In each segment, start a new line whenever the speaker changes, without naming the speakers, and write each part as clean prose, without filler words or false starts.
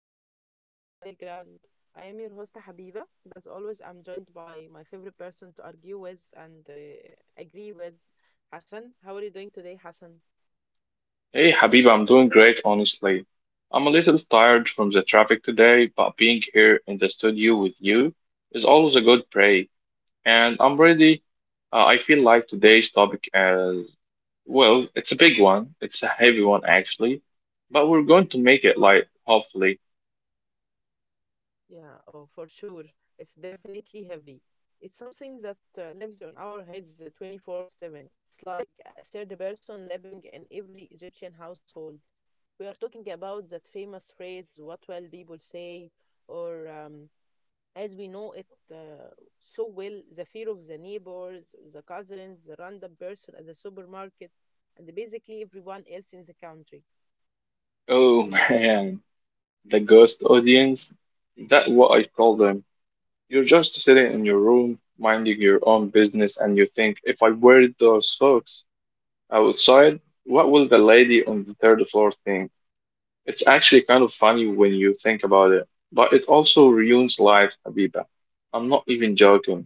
to another episode of The Middle Ground. I am your host, Habiba, and as always, I'm joined by my favorite person to argue with and agree with, Hassan. How are you doing today, Hassan?
Hey Habib, I'm doing great, honestly. I'm a little tired from the traffic today, but being here in the studio with you is always a good break. And I'm ready. I feel like today's topic as well, it's a big one. It's a heavy one, actually. But we're going to make it light, hopefully.
Yeah, oh, for sure. It's definitely heavy. It's something that lives on our heads 24/7. It's like a third person living in every Egyptian household. We are talking about that famous phrase, what will people say, or as we know it so well, the fear of the neighbors, the cousins, the random person at the supermarket, and basically everyone else in the country.
Oh man, the ghost audience. That's what I call them. You're just sitting in your room, minding your own business, and you think, if I wear those socks, outside, what will the lady on the third floor think? It's actually kind of funny when you think about it, but it also ruins life, Habiba. I'm not even joking.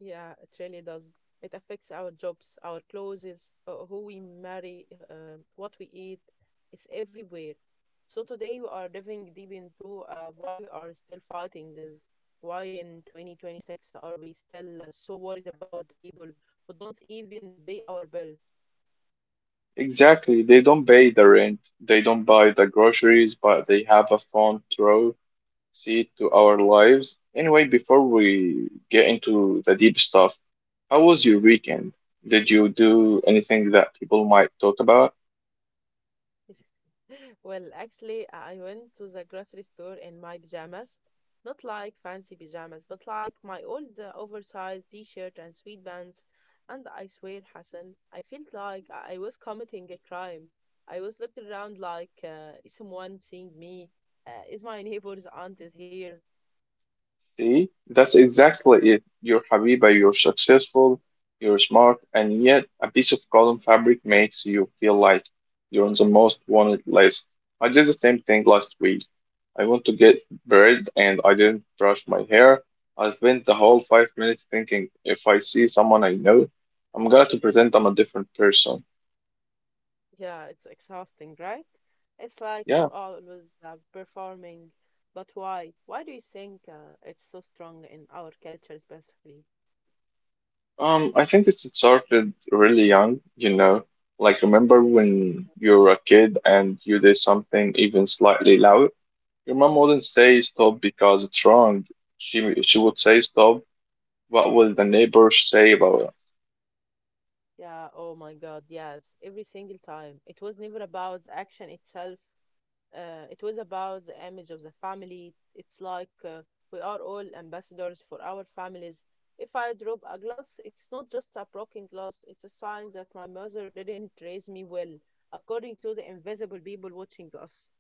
Yeah, it really does. It affects our jobs, our clothes, who we marry, what we eat. It's everywhere. So today we are diving deep into why we are still fighting this. Why in 2026 are we still so worried about people who don't even pay our bills?
Exactly, they don't pay the rent, they don't buy the groceries, but they have a front row seat to our lives. Anyway, before we get into the deep stuff, how was your weekend? Did you do anything that people might talk about?
Well, actually, I went to the grocery store in my pajamas. Not like fancy pajamas, but like my old oversized t-shirt and sweatpants. And I swear, Hassan, I felt like I was committing a crime. I was looked around like, is someone seeing me? Is my neighbor's aunt is here?
See, that's exactly it. You're Habiba, you're successful, you're smart, and yet a piece of cotton fabric makes you feel like you're on the most wanted list. I did the same thing last week. I want to get bread and I didn't brush my hair. I spent the whole 5 minutes thinking if I see someone I know, I'm gonna to pretend I'm a different person.
Yeah, it's exhausting, right? It's like are
Yeah.
always performing. But why? Why do you think it's so strong in our culture specifically?
I think it started really young, you know. Like, remember when you were a kid and you did something even slightly loud? Your mom wouldn't say stop because it's wrong. She would say stop. What will the neighbors say about?
Yeah, oh my God, yes, every single time. It was never about the action itself. It was about the image of the family. It's like we are all ambassadors for our families. If I drop a glass, it's not just a broken glass, it's a sign that my mother didn't raise me well, according to the invisible people watching us.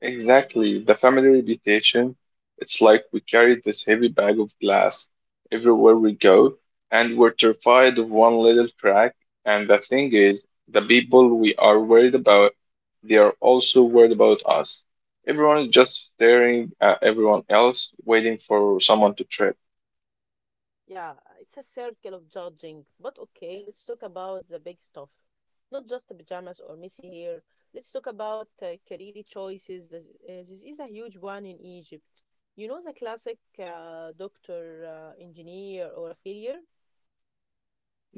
Exactly, the family reputation. It's like we carry this heavy bag of glass everywhere we go, and we're terrified of one little crack. And the thing is, the people we are worried about, they are also worried about us. Everyone is just staring at everyone else, waiting for someone to trip.
Yeah, it's a circle of judging. But okay, let's talk about the big stuff. Not just the pajamas or messy hair. Let's talk about career choices. This is a huge one in Egypt. You know the classic doctor, engineer, or a failure?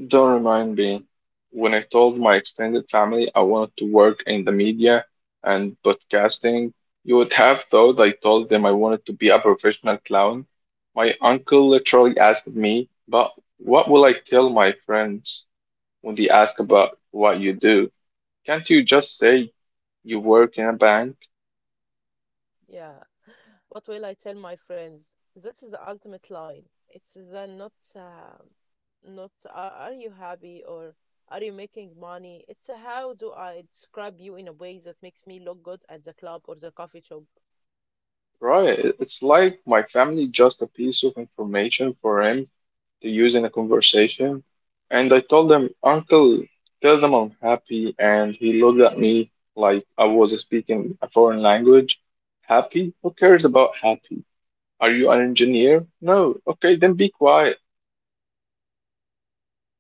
Don't remind me. When I told my extended family I wanted to work in the media and podcasting, you would have thought I told them I wanted to be a professional clown. My uncle literally asked me, but what will I tell my friends when they ask about what you do? Can't you just say you work in a bank?
Yeah, what will I tell my friends? That is the ultimate line. It's then not are you happy or are you making money? It's a how do I describe you in a way that makes me look good at the club or the coffee shop?
Right. It's like my family just a piece of information for him to use in a conversation. And I told him, Uncle, tell them I'm happy. And he looked at me like I was speaking a foreign language. Happy? Who cares about happy? Are you an engineer? No. Okay, then be quiet.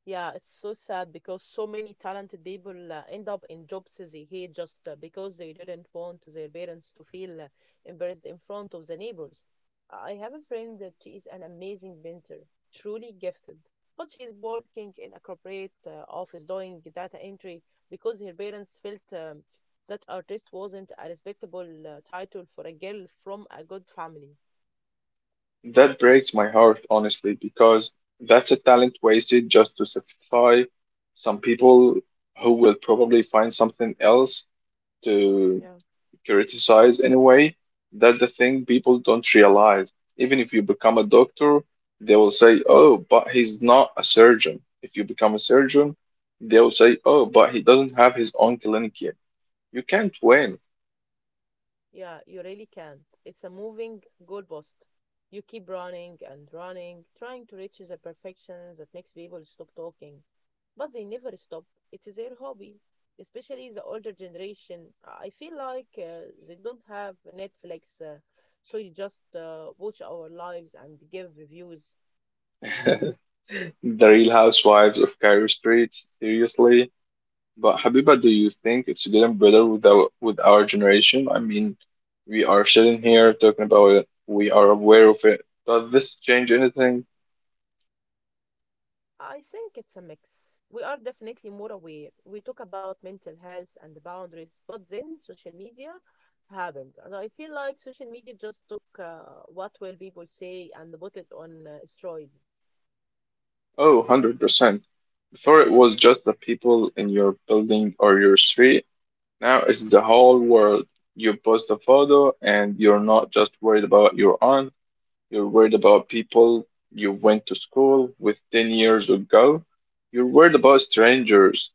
Yeah, it's so sad because so many talented people end up in jobs they hate just because they didn't want their parents to feel embarrassed in front of the neighbors. I have a friend that she is an amazing painter, truly gifted, but she's working in a corporate office doing data entry because her parents felt that artist wasn't a respectable title for a girl from a good family.
That breaks my heart, honestly, because that's a talent wasted just to satisfy some people who will probably find something else to
Yeah.
criticize anyway. That's the thing people don't realize. Even if you become a doctor, they will say, "Oh, but he's not a surgeon." If you become a surgeon, they will say, "Oh, but he doesn't have his own clinic yet." You can't win.
Yeah, you really can't. It's a moving goalpost. You keep running and running, trying to reach the perfection that makes people stop talking. But they never stop. It's their hobby, especially the older generation. I feel like they don't have Netflix, so you just watch our lives and give reviews.
The Real Housewives of Cairo streets, seriously. But Habiba, do you think it's getting better with our generation? I mean, we are sitting here talking about it. We are aware of it. Does this change anything?
I think it's a mix. We are definitely more aware. We talk about mental health and boundaries, but then social media happened. And I feel like social media just took what will people say and put it on steroids.
Oh, 100%. Before it was just the people in your building or your street. Now it's the whole world. You post a photo and you're not just worried about your aunt, you're worried about people you went to school with 10 years ago. You're worried about strangers.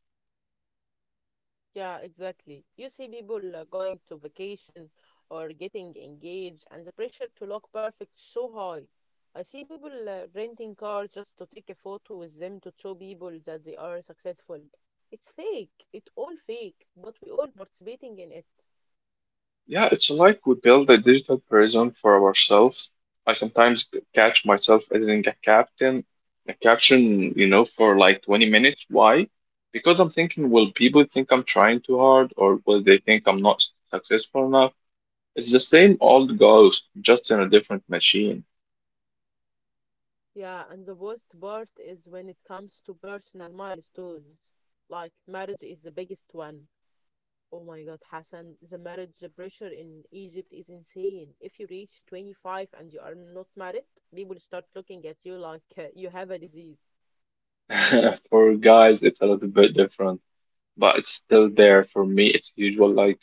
Yeah, exactly. You see people going to vacation or getting engaged, and the pressure to look perfect is so high. I see people renting cars just to take a photo with them to show people that they are successful. It's fake. It all fake, but we all participating in it.
Yeah, it's like we build a digital prison for ourselves. I sometimes catch myself editing a caption, you know, for like 20 minutes. Why? Because I'm thinking, will people think I'm trying too hard or will they think I'm not successful enough? It's the same old ghost, just in a different machine.
Yeah, and the worst part is when it comes to personal milestones. Like marriage is the biggest one. Oh my God, Hassan, the marriage pressure in Egypt is insane. If you reach 25 and you are not married, people start looking at you like you have a disease.
For guys, it's a little bit different. But it's still there for me. It's usual like,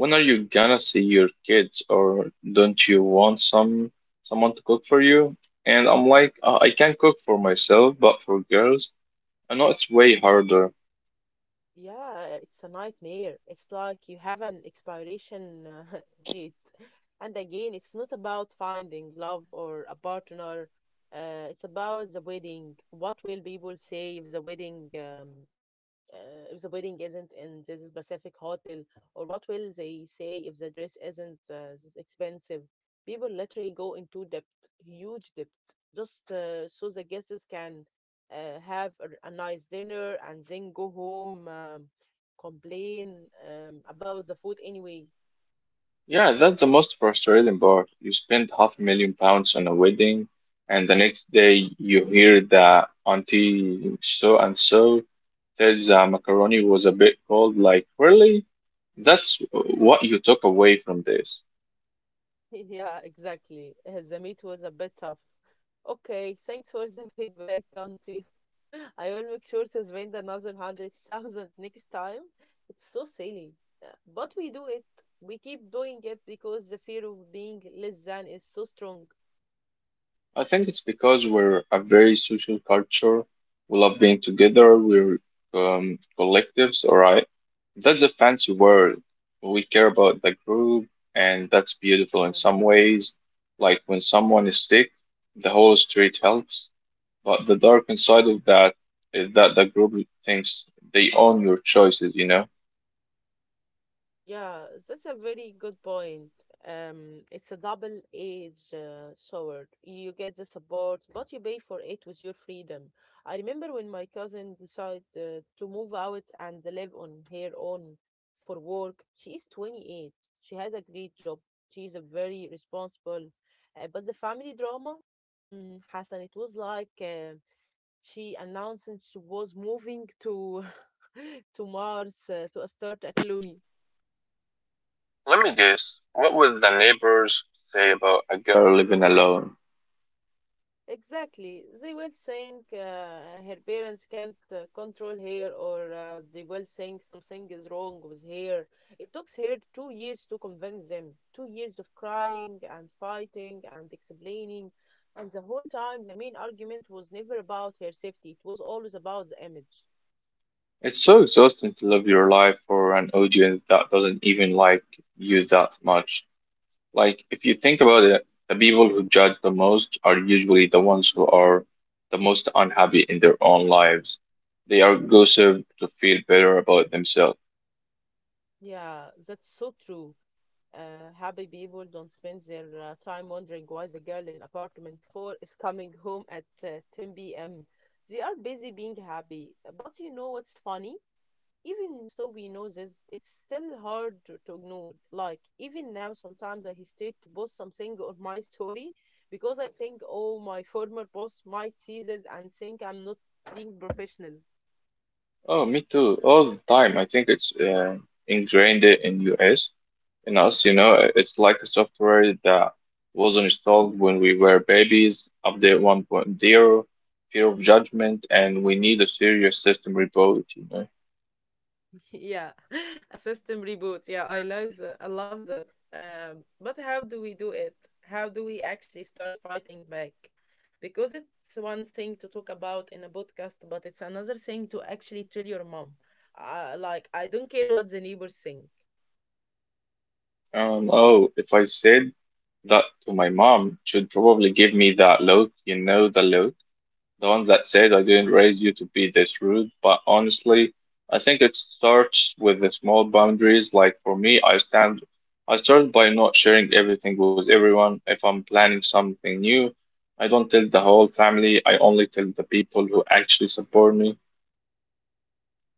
when are you gonna see your kids, or don't you want someone to cook for you? And I'm like, I can cook for myself, but for girls, I know it's way harder.
Yeah, it's a nightmare. It's like you have an expiration date. And again, it's not about finding love or a partner. It's about the wedding. What will people say if the wedding if the wedding isn't in this specific hotel, or what will they say if the dress isn't this expensive? People literally go into debt, huge debt, just so the guests can have a nice dinner and then go home, complain, about the food anyway.
Yeah, that's the most frustrating part. You spend half a million pounds on a wedding, and the next day you hear that auntie so and so said the macaroni was a bit cold. Like, really? That's what you took away from this.
Yeah, exactly. The meat was a bit tough. Okay, thanks for the feedback, Auntie. I will make sure to spend another 100,000 next time. It's so silly. But we do it. We keep doing it because the fear of being less than is so strong.
I think it's because we're a very social culture. We love being together. We're collectives, all right? That's a fancy word. We care about the group, and that's beautiful in some ways. Like when someone is sick, the whole street helps. But the dark inside of that is that the group thinks they own your choices, you know?
Yeah, that's a very good point. It's a double-edged sword. You get the support, but you pay for it with your freedom. I remember when my cousin decided to move out and live on her own for work. She is 28. She has a great job. She is a very responsible. But the family drama, mm, Hassan, it was like she announced she was moving to to Mars to a start a colony.
Let me guess. What would the neighbors say about a girl living alone?
Exactly. They will think her parents can't control her, or they will think something is wrong with her. It took her 2 years to convince them, 2 years of crying and fighting and explaining. And the whole time, the main argument was never about her safety, it was always about the image.
It's so exhausting to live your life for an audience that doesn't even like you that much. Like, if you think about it, the people who judge the most are usually the ones who are the most unhappy in their own lives. They are gossip to feel better about themselves.
Yeah, that's so true. Happy people don't spend their time wondering why the girl in apartment 4 is coming home at 10 p.m. They are busy being happy. But you know what's funny? Even so, we know this, it's still hard to ignore. Like, even now, sometimes I hesitate to post something on my story because I think, oh, my former boss might see this and think I'm not being professional.
Oh, me too. All the time. I think it's ingrained in us. In us, you know, it's like a software that was installed when we were babies, update 1.0, fear of judgment, and we need a serious system reboot, you know.
Yeah, a system reboot. Yeah, I love that. I love that. But how do we do it? How do we actually start fighting back? Because it's one thing to talk about in a podcast, but it's another thing to actually tell your mom. Like, I don't care what the neighbors think.
Oh, if I said that to my mom, she'd probably give me that look, you know, the look. The one that says, I didn't raise you to be this rude, but honestly, I think it starts with the small boundaries. Like for me, I start by not sharing everything with everyone. If I'm planning something new, I don't tell the whole family. I only tell the people who actually support me.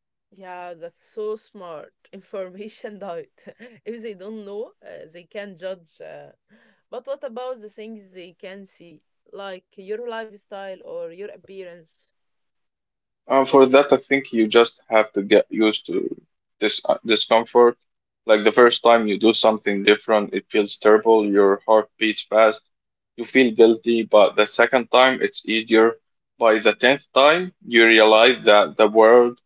Yeah, that's so smart. Information diet. If they don't know, they can judge. But what about the things they can see, like your lifestyle or your appearance?
For that, I think you just have to get used to this discomfort. Like the first time you do something different, it feels terrible, your heart beats fast, you feel guilty, but the second time it's easier. By the tenth time, you realize that the world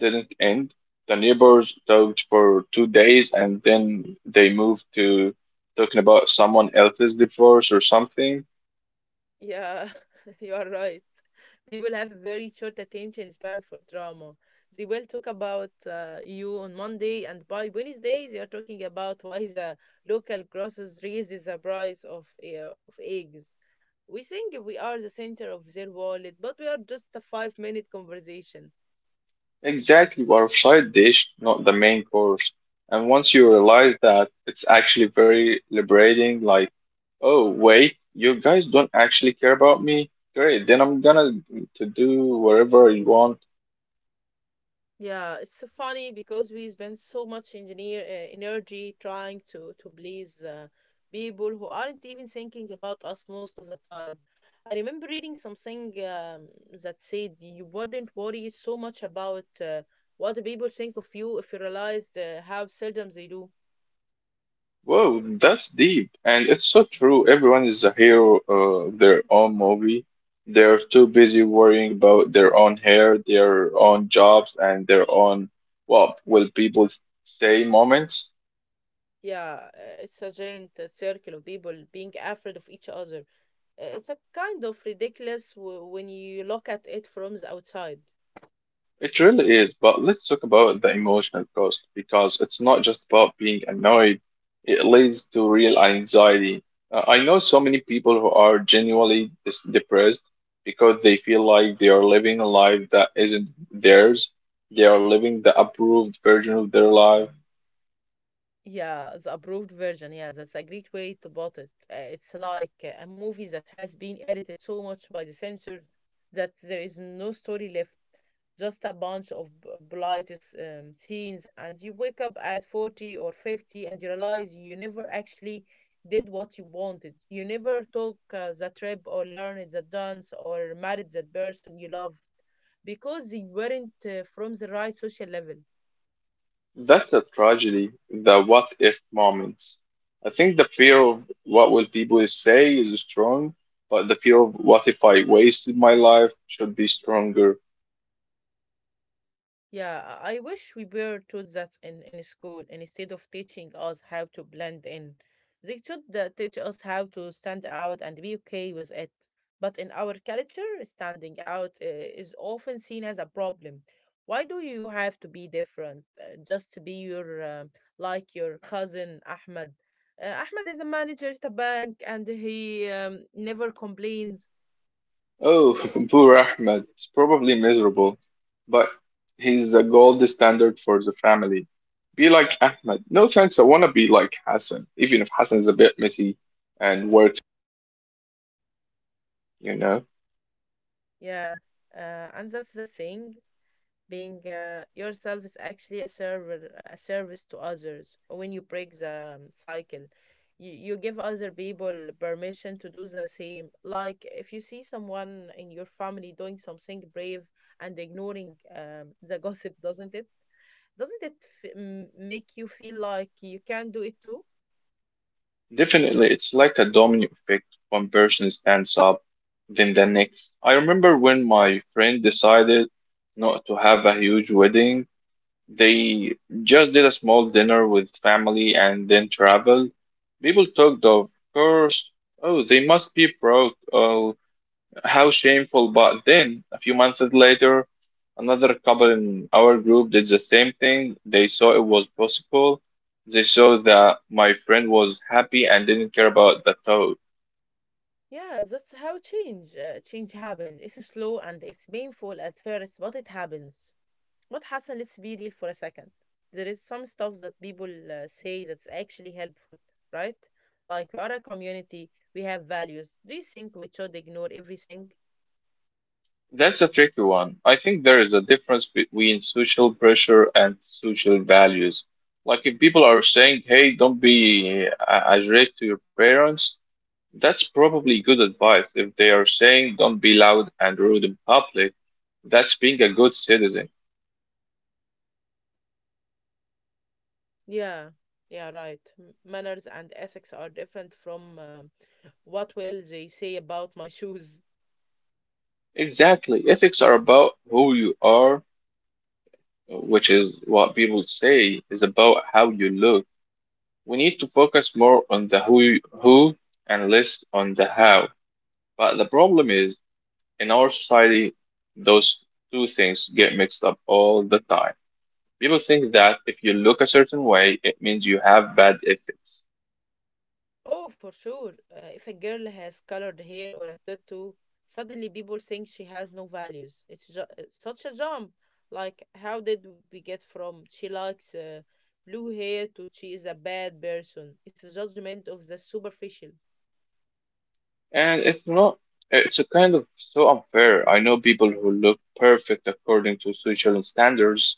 didn't end. The neighbors talked for 2 days and then they moved to talking about someone else's divorce or something.
Yeah, you are right. People have very short attention span for drama. They will talk about you on Monday, and by Wednesday, they are talking about why the local grocers raises the price of eggs. We think we are the center of their world, but we are just a 5 minute conversation.
Exactly, or a side dish, not the main course. And once you realize that, it's actually very liberating. Like, oh, wait, you guys don't actually care about me? Great, then I'm gonna to do whatever you want.
Yeah, it's so funny because we spend so much engineer energy trying to please people who aren't even thinking about us most of the time. I remember reading something that said you wouldn't worry so much about what people think of you if you realized how seldom they do.
Whoa, that's deep. And it's so true. Everyone is a hero of their own movie. They're too busy worrying about their own hair, their own jobs, and their own, what will people say moments.
Yeah, it's a giant circle of people being afraid of each other. It's a kind of ridiculous w when you look at it from the outside.
It really is, but let's talk about the emotional cost because it's not just about being annoyed. It leads to real anxiety. I know so many people who are genuinely dis depressed because they feel like they are living a life that isn't theirs. They are living the approved version of their life.
Yeah, the approved version. Yeah, that's a great way to put it. It's like a movie that has been edited so much by the censor that there is no story left, just a bunch of blight scenes, and you wake up at 40 or 50 and you realize you never actually did what you wanted. You never took the trip or learned the dance or married that person you loved because they weren't from the right social level.
That's a tragedy, the what if moments. I think the fear of what will people say is strong, but the fear of what if I wasted my life should be stronger.
Yeah, I wish we were taught that in school instead of teaching us how to blend in. They should teach us how to stand out and be okay with it. But in our culture, standing out is often seen as a problem. Why do you have to be different? Just to be your like your cousin Ahmed. Ahmed is a manager at a bank and he never complains.
Oh, poor Ahmed. It's probably miserable, but he's the gold standard for the family. Be like Ahmed. No thanks, I want to be like Hassan, even if Hassan's a bit messy and work, you know.
Yeah, and that's the thing. Being yourself is actually a server a service to others. When you break the cycle, you give other people permission to do the same. Like if you see someone in your family doing something brave and ignoring the gossip, doesn't it f- m- make you feel like you can do it too?
Definitely, it's like a domino effect. One person stands up, then the next. I remember when my friend decided not to have a huge wedding. They just did a small dinner with family and then traveled. People talked of course. Oh, they must be broke. Oh, how shameful. But then, a few months later, another couple in our group did the same thing. They saw it was possible. They saw that my friend was happy and didn't care about the thought.
Yeah, that's how change happens. It's slow and it's painful at first, but it happens. What Hassan, let's be real for a second. There is some stuff that people say that's actually helpful, right? Like we are a community, we have values. Do you think we should ignore everything?
That's a tricky one. I think there is a difference between social pressure and social values. Like if people are saying, "Hey, don't be a jerk to your parents," that's probably good advice. If they are saying, "Don't be loud and rude in public," that's being a good citizen.
Yeah, yeah, right. Manners and ethics are different from what will they say about my shoes?
Exactly. Ethics are about who you are, which is what people say is about how you look. We need to focus more on the who and less on the how. But the problem is in our society, those two things get mixed up all the time. People think that if you look a certain way, it means you have bad ethics.
Oh, for sure. If a girl has colored hair or a tattoo, suddenly people think she has no values. It's such a jump. Like, how did we get from she likes blue hair to she is a bad person? It's a judgment of the superficial.
And it's not, it's a kind of so unfair. I know people who look perfect according to social standards.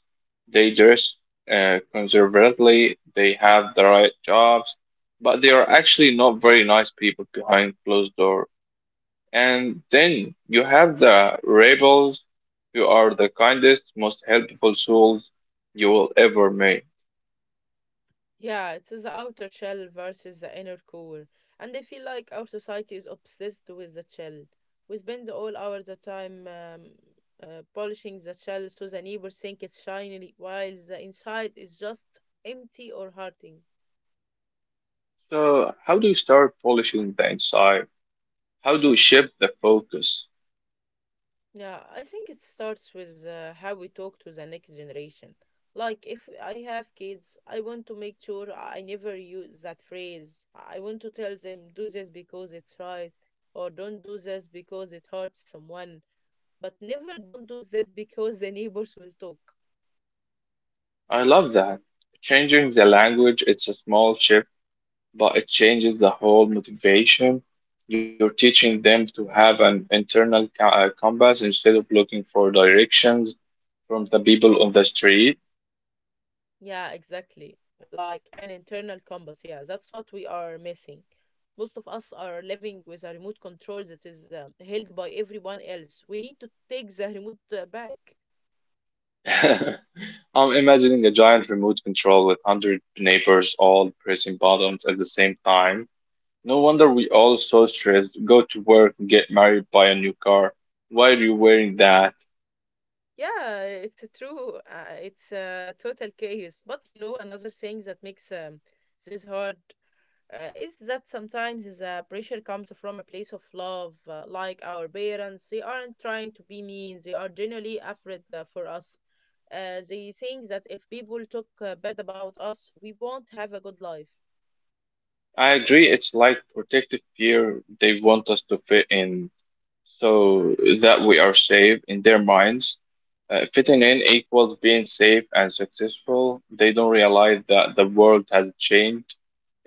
They dress conservatively, they have the right jobs, but they are actually not very nice people behind closed doors. And then you have the rebels who are the kindest, most helpful souls you will ever meet.
Yeah, it's the outer shell versus the inner core. And I feel like our society is obsessed with the shell. We spend all our the time polishing the shell so the neighbors think it's shiny, while the inside is just empty or hurting.
So, how do you start polishing the inside? How do you shift the focus?
Yeah, I think it starts with how we talk to the next generation. Like, if I have kids, I want to make sure I never use that phrase. I want to tell them, do this because it's right, or don't do this because it hurts someone, but never don't do this because the neighbors will talk.
I love that. Changing the language, it's a small shift, but it changes the whole motivation. You're teaching them to have an internal compass instead of looking for directions from the people on the street.
Yeah, exactly. Like an internal compass. Yeah, that's what we are missing. Most of us are living with a remote control that is held by everyone else. We need to take the remote back.
I'm imagining a giant remote control with 100 neighbors all pressing buttons at the same time. No wonder we all so stressed. Go to work, get married, buy a new car. Why are you wearing that?
Yeah, it's true. It's a total chaos. But you know, another thing that makes this hard is that sometimes the pressure comes from a place of love, like our parents. They aren't trying to be mean, they are genuinely afraid for us. They think that if people talk bad about us, we won't have a good life.
I agree, it's like protective fear. They want us to fit in, so that we are safe in their minds.
Yeah.
Fitting in equals being safe and successful. They don't realize that the world has changed.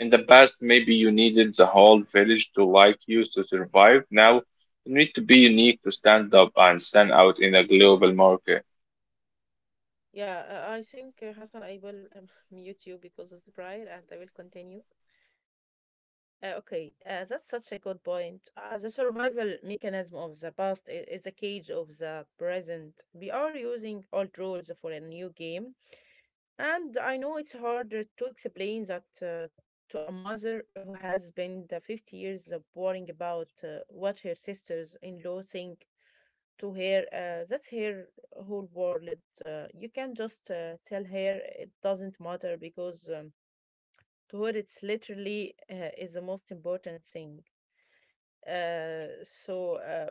In the past, maybe you needed the whole village to like you to survive. Now, you need to be unique to stand up and stand out in a global market.
Yeah, I think, Hassan, I will mute you because of the prior and I will continue. Okay, that's such a good point. The survival mechanism of the past is the cage of the present. We are using old rules for a new game, and I know it's harder to explain that to a mother who has been the 50 years of worrying about what her sisters-in-law think to her. That's her whole world. You can just tell her it doesn't matter because to her it's literally is the most important thing. So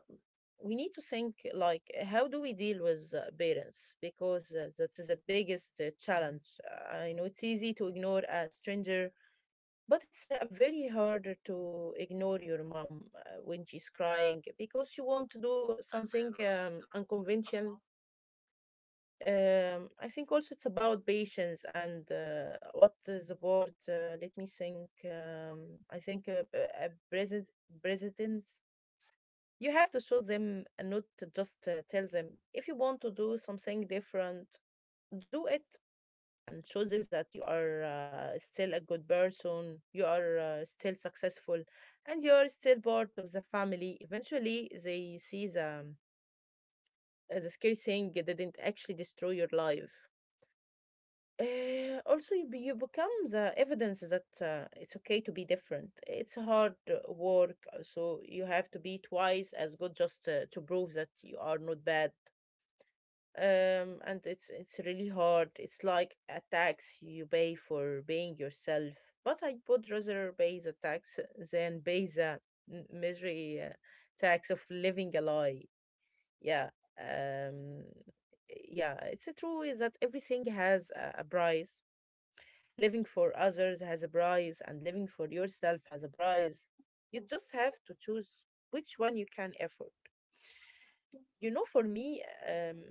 we need to think like how do we deal with parents because that is the biggest challenge. I know it's easy to ignore a stranger, but it's very hard to ignore your mom when she's crying because she want to do something unconventional. I think also it's about patience and what is the board. Let me think. I think a president, you have to show them and not to just tell them. If you want to do something different, do it and show them that you are still a good person, you are still successful, and you are still part of the family. Eventually, they see the scary thing didn't actually destroy your life. Also, you become the evidence that it's okay to be different. It's hard work, so you have to be twice as good just to prove that you are not bad. And it's really hard. It's like a tax you pay for being yourself. But I would rather pay the tax than pay the misery tax of living a lie. Yeah. Um, yeah. It's a true is that everything has a price. Living for others has a price, and living for yourself has a price. You just have to choose which one you can afford. You know, for me, um,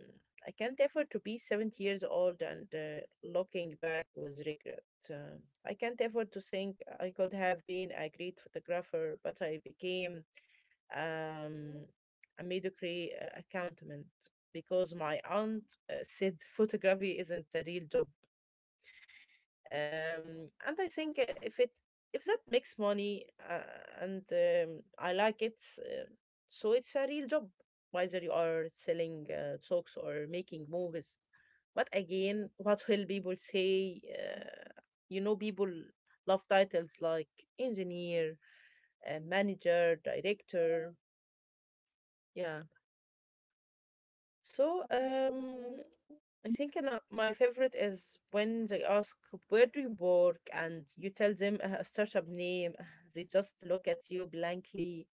I can't afford to be 70 years old and looking back with regret. Um I can't afford to think I could have been a great photographer, but I became um, a mediocre accountant because my aunt said photography isn't a real job. And I think if it if that makes money and I like it, so it's a real job. Whether you are selling socks or making movies, but again, what will people say? You know, people love titles like engineer, manager, director. Yeah. So I think أنا, my favorite is when they ask, where do you work? And you tell them a startup name. They just look at you blankly,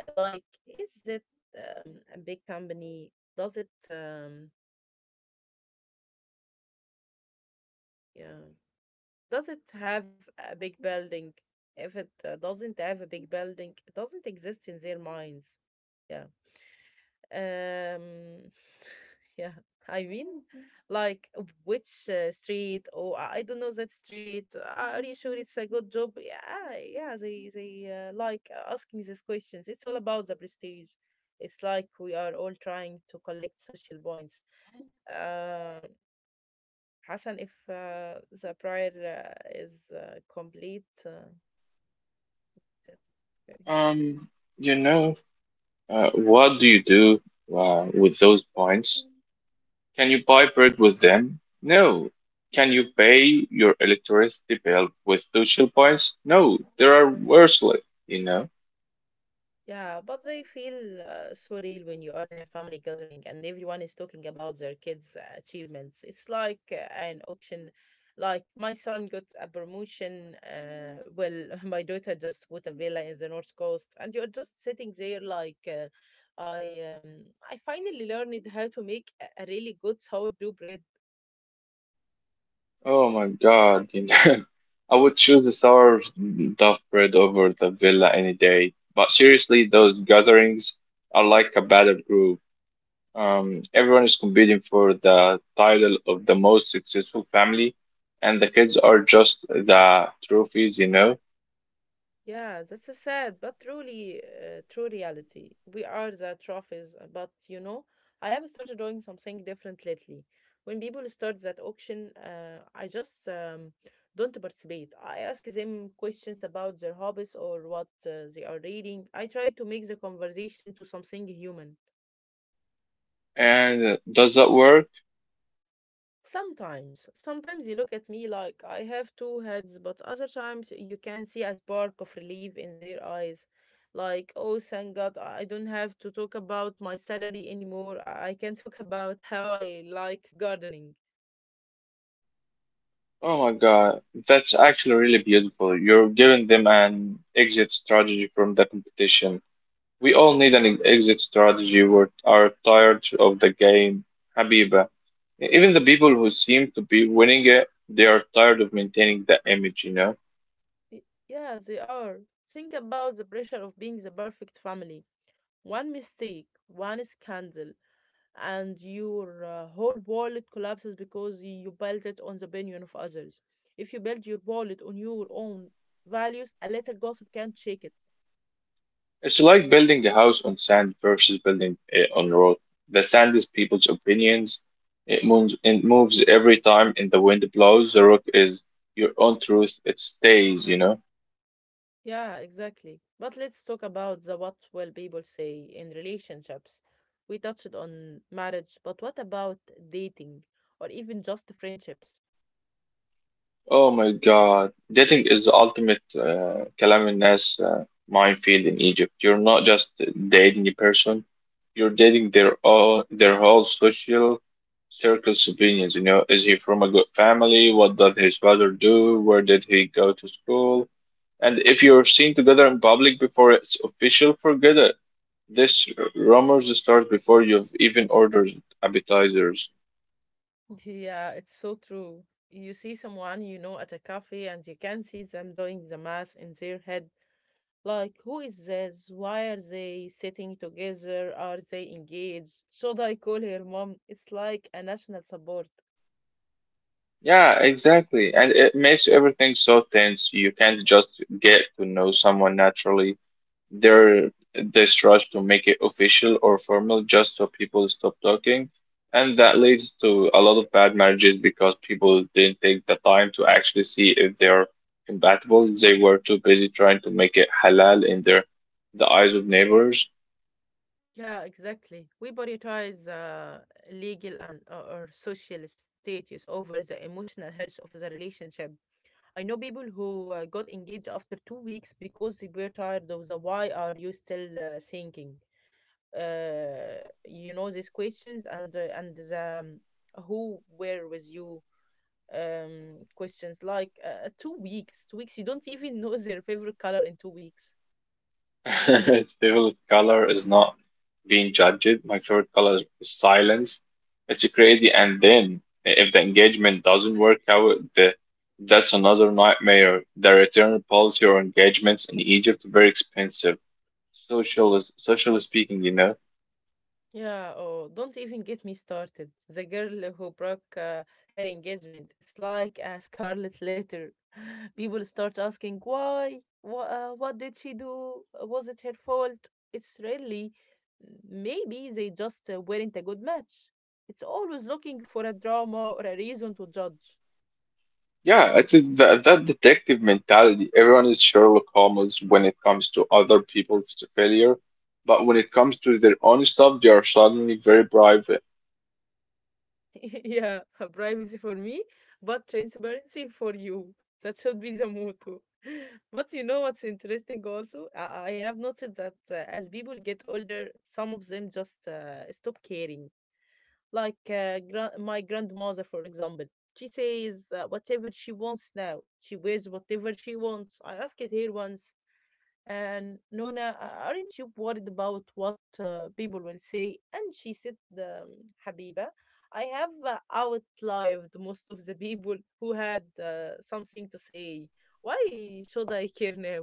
like, is it a big company? Does it, yeah, does it have a big building? If it doesn't have a big building, it doesn't exist in their minds. Yeah. Um, Yeah, I mean, like which street? Oh, I don't know that street. Are you sure it's a good job? Yeah, yeah. They like asking these questions. It's all about the prestige. It's like we are all trying to collect social points. Uh, Hassan, if the prior is complete, yes, okay.
Um, you know, what do you do with those points? Can you buy bread with them? No. Can you pay your electricity bill with social points? No. There are worthless, you know.
Yeah, but they feel so real when you are in a family gathering and everyone is talking about their kids' achievements. It's like an auction. Like my son got a promotion. Well, my daughter just bought a villa in the north coast, and you're just sitting there like, I um, I finally learned how to make a really good sourdough bread.
Oh my God. You know. I would choose the sour duff bread over the villa any day. But seriously, those gatherings are like a battle group. Everyone is competing for the title of the most successful family, and the kids are just the trophies,
Yeah, that's a sad but truly true reality. We are the trophies, but you know, I have started doing something different lately. When people start that auction, I just don't participate. I ask them questions about their hobbies or what they are reading. I try to make the conversation to something human.
And does that work?
Sometimes, sometimes you look at me like I have two heads, but other times you can see a spark of relief in their eyes. Like, oh, thank God, I don't have to talk about my salary anymore. I can talk about how I like gardening.
Oh my God, that's actually really beautiful. You're giving them an exit strategy from the competition. We all need an exit strategy. We are tired of the game, Habiba. Even the people who seem to be winning it, they are tired of maintaining the image, you know?
Y- Yeah, they are. Think about the pressure of being the perfect family. One mistake, one scandal, and your whole wallet collapses because you built it on the opinion of others. If you build your wallet on your own values, a little gossip can't shake it.
It's like building a house on sand versus building it on rock. The sand is people's opinions. It moves every time and the wind blows. The rock is your own truth. It stays, you know?
Yeah, exactly. But let's talk about the what will people say in relationships. We touched on marriage, but what about dating or even just friendships?
Oh my God. Dating is the ultimate كلام الناس minefield in Egypt. You're not just dating a person, you're dating their all their whole social circle's opinions. You know, is he from a good family? What does his father do? Where did he go to school? And if you're seen together in public before it's official, forget it. This rumors start before you've even ordered appetizers.
Yeah, it's so true. You see someone you know at a cafe and you can see them doing the math in their head. Like, who is this? Why are they sitting together? Are they engaged? Should I call her mom? It's like a national support.
Yeah, exactly. And it makes everything so tense. You can't just get to know someone naturally. There, this rush to make it official or formal just so people stop talking. And that leads to a lot of bad marriages because people didn't take the time to actually see if they're compatible. They were too busy trying to make it halal in their the eyes of neighbors.
Yeah, exactly. We prioritize legal and or social status over the emotional health of the relationship. I know people who got engaged after 2 weeks because they were tired of the "Why are you still thinking?" You know these questions and the "Who were with you?" Questions like 2 weeks, 2 weeks. You don't even know their favorite color in 2 weeks.
Its favorite color is not being judged. My favorite color is silence. It's crazy. And then if the engagement doesn't work out, that's another nightmare. The return policy or engagements in Egypt very expensive. Social, socially speaking, you know.
Yeah, oh, don't even get me started. The girl who broke her engagement, it's like a scarlet letter. People start asking why, what did she do? Was it her fault? It's really, maybe they just weren't a good match. It's always looking for a drama or a reason to judge.
Yeah, that that detective mentality. Everyone is Sherlock Holmes when it comes to other people's failure, but when it comes to their own stuff, they are suddenly very private.
Yeah, privacy for me, but transparency for you. That should be the motto. But you know what's interesting also? I have noticed that as people get older, some of them just stop caring. Like my grandmother, for example, she says whatever she wants now. She wears whatever she wants. I asked her once, and Nona, aren't you worried about what people will say? And she said, Habiba, I have outlived most of the people who had something to say. Why should I care now?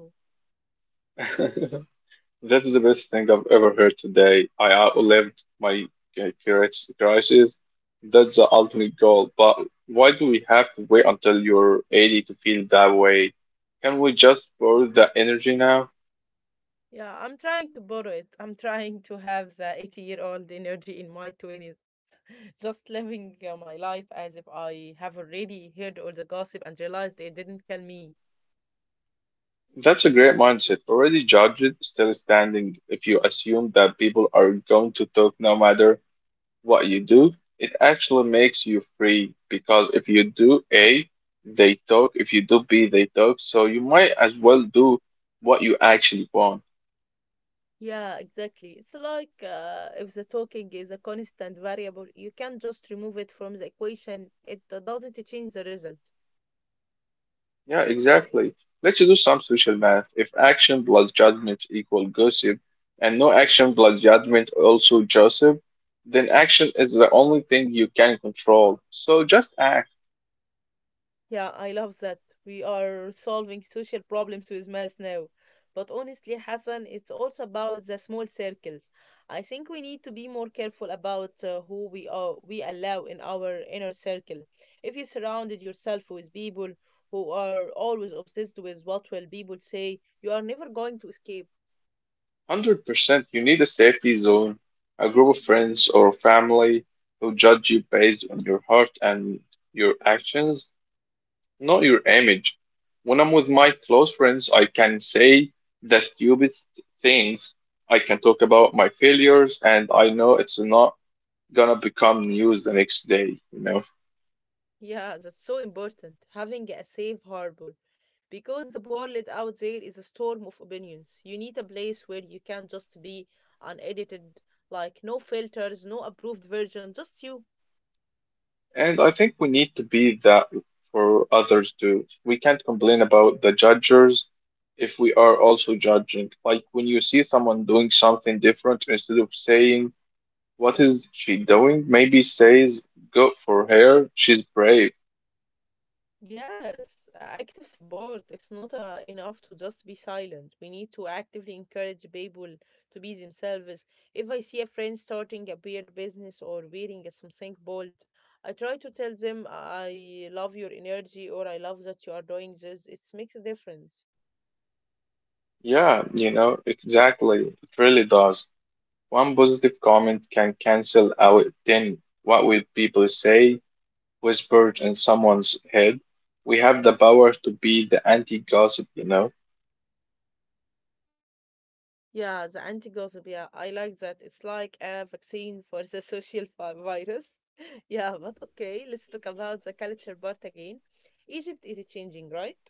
That is the best thing I've ever heard today. I outlived my uh, cri- crisis. That's the ultimate goal. But why do we have to wait until you're 80 to feel that way? Can we just borrow the energy now?
Yeah, I'm trying to borrow it. I'm trying to have the 80-year-old energy in my 20s, just living my life as if I have already heard all the gossip and realized it didn't kill me.
That's a great mindset. Already judged, still standing. If you assume that people are going to talk no matter what you do, it actually makes you free because if you do A, they talk. If you do B, they talk. So you might as well do what you actually want.
Yeah, exactly. It's like if the talking is a constant variable, you can't just remove it from the equation. It doesn't change the result.
Yeah, exactly. Let's do some social math. If action plus judgment equal gossip, and no action plus judgment also gossip, then action is the only thing you can control. So just act.
Yeah, I love that. We are solving social problems with math now. But honestly, Hassan, it's also about the small circles. I think we need to be more careful about we allow in our inner circle. If you surrounded yourself with people who are always obsessed with what will people say, you are never going to escape.
100%. You need a safety zone, a group of friends or family who judge you based on your heart and your actions, not your image. When I'm with my close friends, I can say the stupidest things. I can talk about my failures, and I know it's not gonna become news the next day. You know.
Yeah, that's so important, having a safe harbor. Because the world out there is a storm of opinions. You need a place where you can just be unedited, like no filters, no approved version, just you.
And I think we need to be that for others too. We can't complain about the judges if we are also judging. Like when you see someone doing something different, instead of saying, "What is she doing?" Maybe says, "Good for her, she's brave."
Yes, active support is not enough to just be silent. We need to actively encourage people to be themselves. If I see a friend starting a weird business or wearing a something bold, I try to tell them I love your energy or I love that you are doing this. It makes a difference.
Yeah, you know, exactly. It really does. One positive comment can cancel out 10 what will people say whispered in someone's head. We have the power to be the anti-gossip, you know?
Yeah, the anti-gossip. Yeah, I like that. It's like a vaccine for the social virus. Yeah, but okay, let's talk about the culture part again. Egypt is changing, right?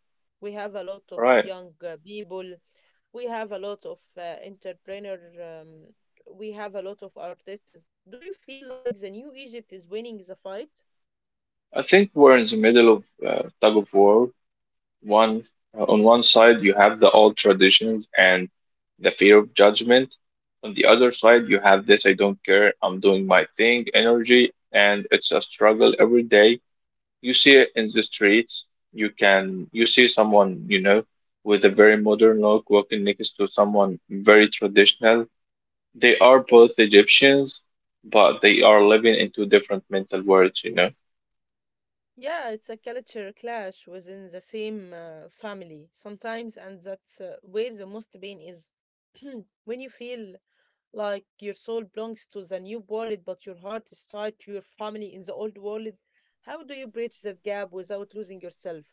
We have a lot of
Right.
young people. We have a lot of entrepreneur. We have a lot of artists. Do you feel like the new Egypt is winning the fight?
I think we're in the middle of tug of war. One on one side you have the old traditions and the fear of judgment. On the other side you have this I don't care, I'm doing my thing energy, and it's a struggle every day. You see it in the streets. You see someone, you know, with a very modern look walking next to someone very traditional. They are both Egyptians, but they are living in two different mental worlds, you know.
Yeah, it's a culture clash within the same family sometimes, and that's where the most pain is. when you feel like your soul belongs to the new world, but your heart is tied to your family in the old world. How do you bridge that gap without losing yourself?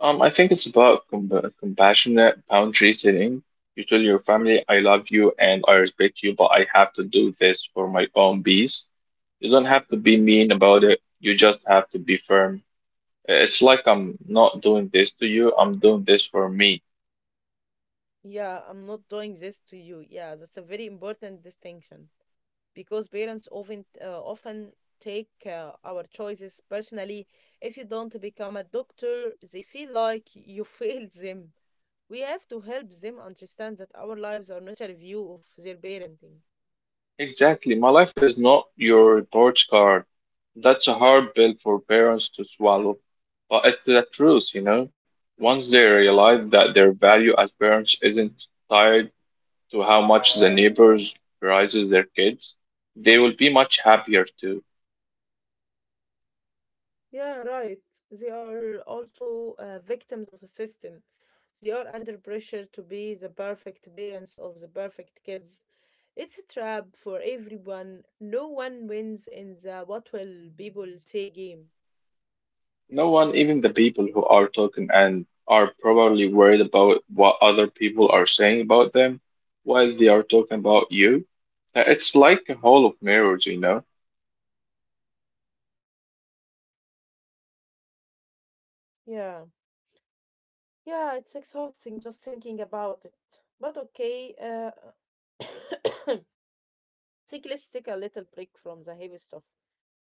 I think it's about compassionate boundary setting. You tell your family, I love you and I respect you, but I have to do this for my own peace. You don't have to be
Yeah.
mean about it. You just have to be firm. It's like I'm not doing this to you, I'm doing this for me.
Yeah, I'm not doing this to you. Yeah, that's a very important distinction because parents often take our choices personally. If you don't become a doctor, they feel like you failed them. We have to help them understand that our lives are not a review of their parenting.
Exactly. My life is not your report card. That's a hard pill for parents to swallow, but it's the truth, you know. Once they realize that their value as parents isn't tied to how much the neighbors raises their kids, they will be much happier too.
Yeah, right. They are also victims of the system. They are under pressure to be the perfect parents of the perfect kids. It's a trap for everyone. No one wins in the what will people say game.
No one, even the people who are talking and are probably worried about what other people are saying about them while they are talking about you. It's like a hall of mirrors, you know?
Yeah. Yeah, it's exhausting just thinking about it. But okay, uh, think let's take a little break from the heavy stuff.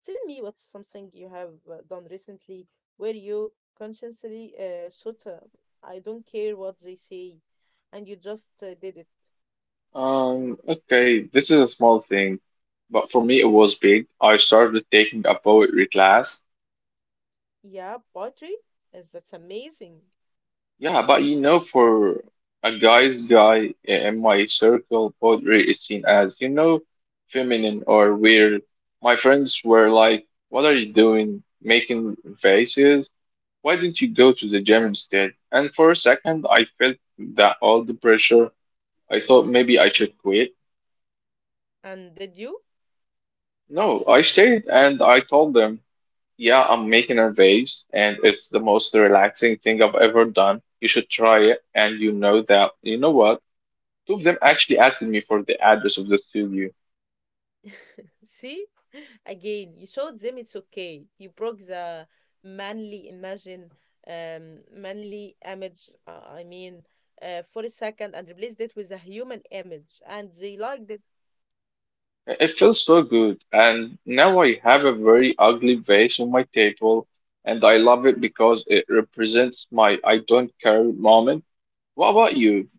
Tell me what's something you have done recently where you consciously shut up. I don't care what they say, and you just did it.
Okay, this is a small thing, but for me it was big. I started taking a poetry class.
Yeah, poetry? Yes, that's amazing.
Yeah, but you know, for a guy's guy in my circle, poetry is seen as, you know, feminine or weird. My friends were like, "What are you doing? Making faces? Why didn't you go to the gym instead?" And for a second, I felt that all the pressure. I thought maybe I should quit.
And did you?
No, I stayed and I told them, "Yeah, I'm making a vase and it's the most relaxing thing I've ever done. You should try it." And you know you know what? Two of them actually asked me for the address of the studio.
See? Again, you showed them it's okay. You broke the manly imagine, manly image, I mean, for a second and replaced it with a human image, and they liked it.
It felt so good, and now I have a very ugly vase on my table, and I love it because it represents my I don't care moment. What about you?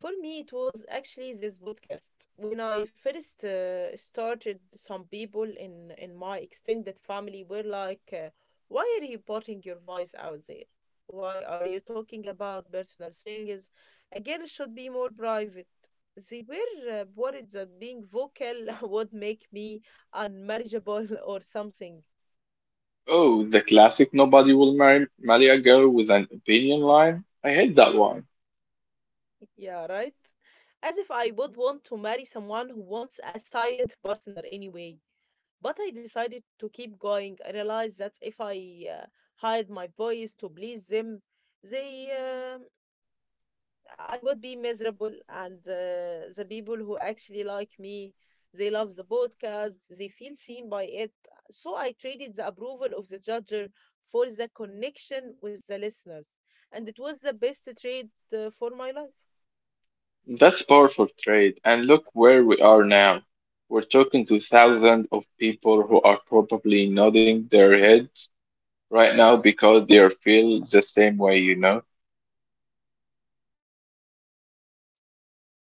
For me, it was actually this podcast. When I first started, some people in my extended family were like, "Why are you putting your voice out there? Why are you talking about personal things? A girl should be more private." They were worried that being vocal would make me unmarriageable or something.
Oh, the classic nobody will marry a girl with an opinion line? I hate that one.
Yeah, right. As if I would want to marry someone who wants a silent partner anyway. But I decided to keep going. I realized that if I hide my voice to please them, they I would be miserable. And the people who actually like me, they love the podcast. They feel seen by it. So I traded the approval of the judger for the connection with the listeners, and it was the best trade for my life.
That's powerful trade, and look where we are now. We're talking to thousands of people who are probably nodding their heads right now because they are feel the same way, you know?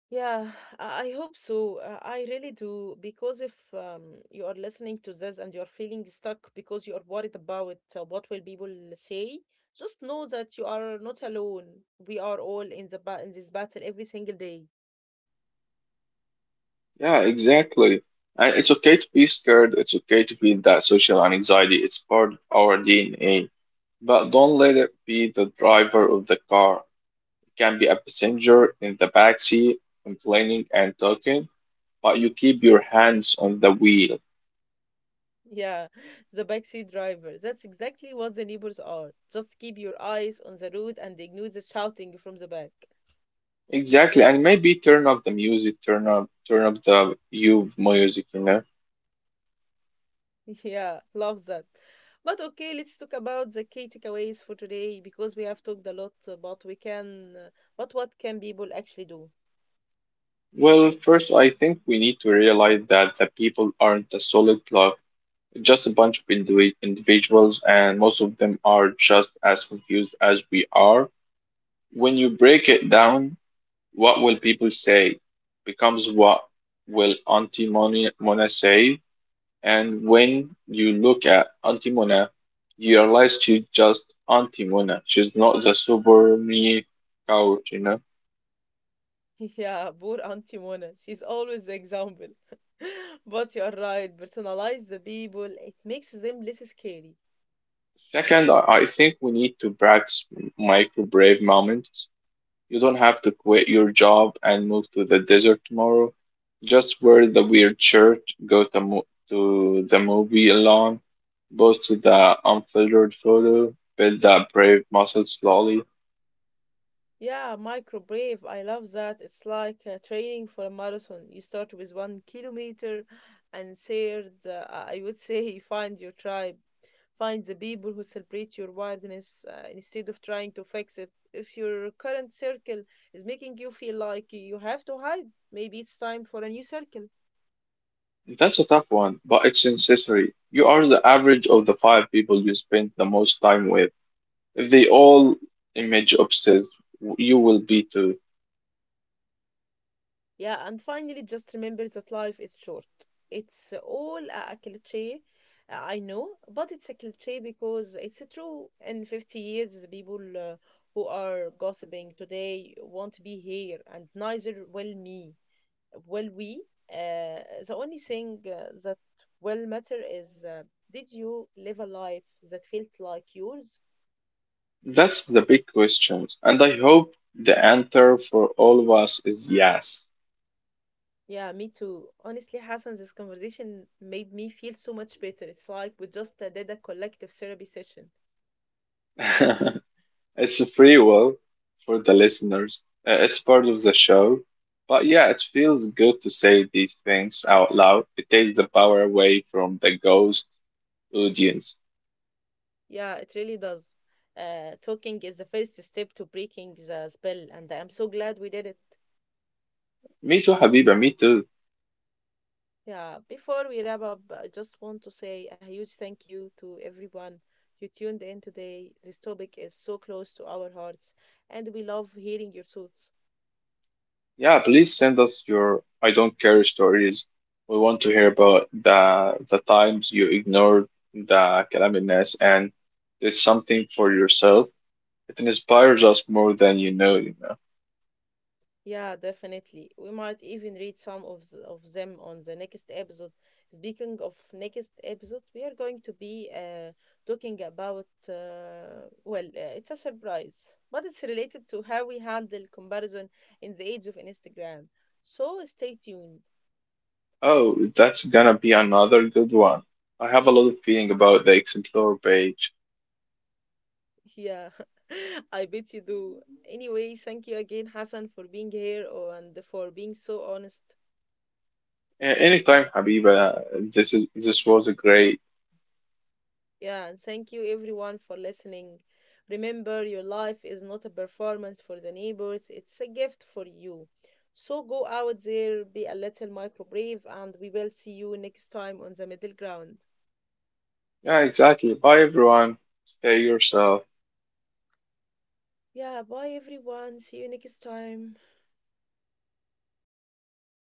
Yeah, I hope so. I really do. Because if you are listening to this and you're feeling stuck because you are worried about what will people say, just know that you are not alone. We are all in the ba in this battle every single day.
Yeah, exactly. And it's okay to be scared. It's okay to feel that social anxiety. It's part of our DNA. But don't let it be the driver of the car. It can be a passenger in the back seat, complaining and talking, but you keep your hands on the wheel.
Yeah, the backseat driver. That's exactly what the neighbors are. Just keep your eyes on the road and ignore the shouting from the back.
Exactly, and maybe turn up the music, turn up the you music, you know.
Yeah, love that. But okay, let's talk about the key takeaways for today because we have talked a lot about we can, but what can people actually do?
Well, first, I think we need to realize that the people aren't a solid block, just a bunch of individuals, and most of them are just as confused as we are. When you break it down, what will people say becomes what will Mona say. And when you look at Auntie Mona, you realize she's just Auntie Mona. She's not the super me couch, you know.
Yeah, poor Auntie Mona. She's always the example. but you are right. Personalize the people. It makes them less scary.
Second, I think we need to practice micro brave moments. You don't have to quit your job and move to the desert tomorrow. Just wear the weird shirt, go to the movie alone, post the unfiltered photo, build that brave muscle slowly.
Yeah, micro brave. I love that. It's like training for a marathon. You start with 1 kilometer, and third, I would say, find your tribe. Find the people who celebrate your wildness instead of trying to fix it. If your current circle is making you feel like you have to hide, maybe it's time for a new circle.
That's a tough one, but it's necessary. You are the average of the five people you spend the most time with. If they all image obsessed, you will be too.
Yeah, and finally, just remember that life is short. It's all a cliche, I know, but it's a cliche because it's true. In 50 years, the people who are gossiping today won't be here, and neither will me. Well, uh, the only thing that will matter is did you live a life that felt like yours?
That's the big question, and I hope the answer for all of us is yes.
Yeah, me too. Honestly, Hassan, this conversation made me feel so much better. It's like we just did a collective therapy session.
It's a free will for the listeners. It's part of the show. But yeah, it feels good to say these things out loud. It takes the power away from the ghost audience.
Yeah, it really does. Talking is the first step to breaking the spell, and I'm so glad we did it.
Me too, Habiba, me too.
Yeah, before we wrap up, I just want to say a huge thank you to everyone who tuned in today. This topic is so close to our hearts, and we love hearing your thoughts.
Yeah, please send us your I don't care stories. We want to hear about the times you ignored the calamity and did something for yourself. It inspires us more than you know, you know.
Yeah, definitely. We might even read some of them on the next episode. Speaking of next episode, we are going to be talking about, it's a surprise, but it's related to how we handle comparison in the age of Instagram. So stay tuned.
Oh, that's gonna be another good one. I have a lot of feeling about the Explore page.
Yeah, I bet you do. Anyway, thank you again, Hassan, for being here oh, and for being so honest.
Anytime, Habiba. This was a great.
Yeah, and thank you everyone for listening. Remember, your life is not a performance for the neighbors, it's a gift for you. So go out there, be a little micro brave, and we will see you next time on the middle ground.
Yeah, exactly. Bye, everyone. Stay yourself.
Yeah, bye everyone. See you next time.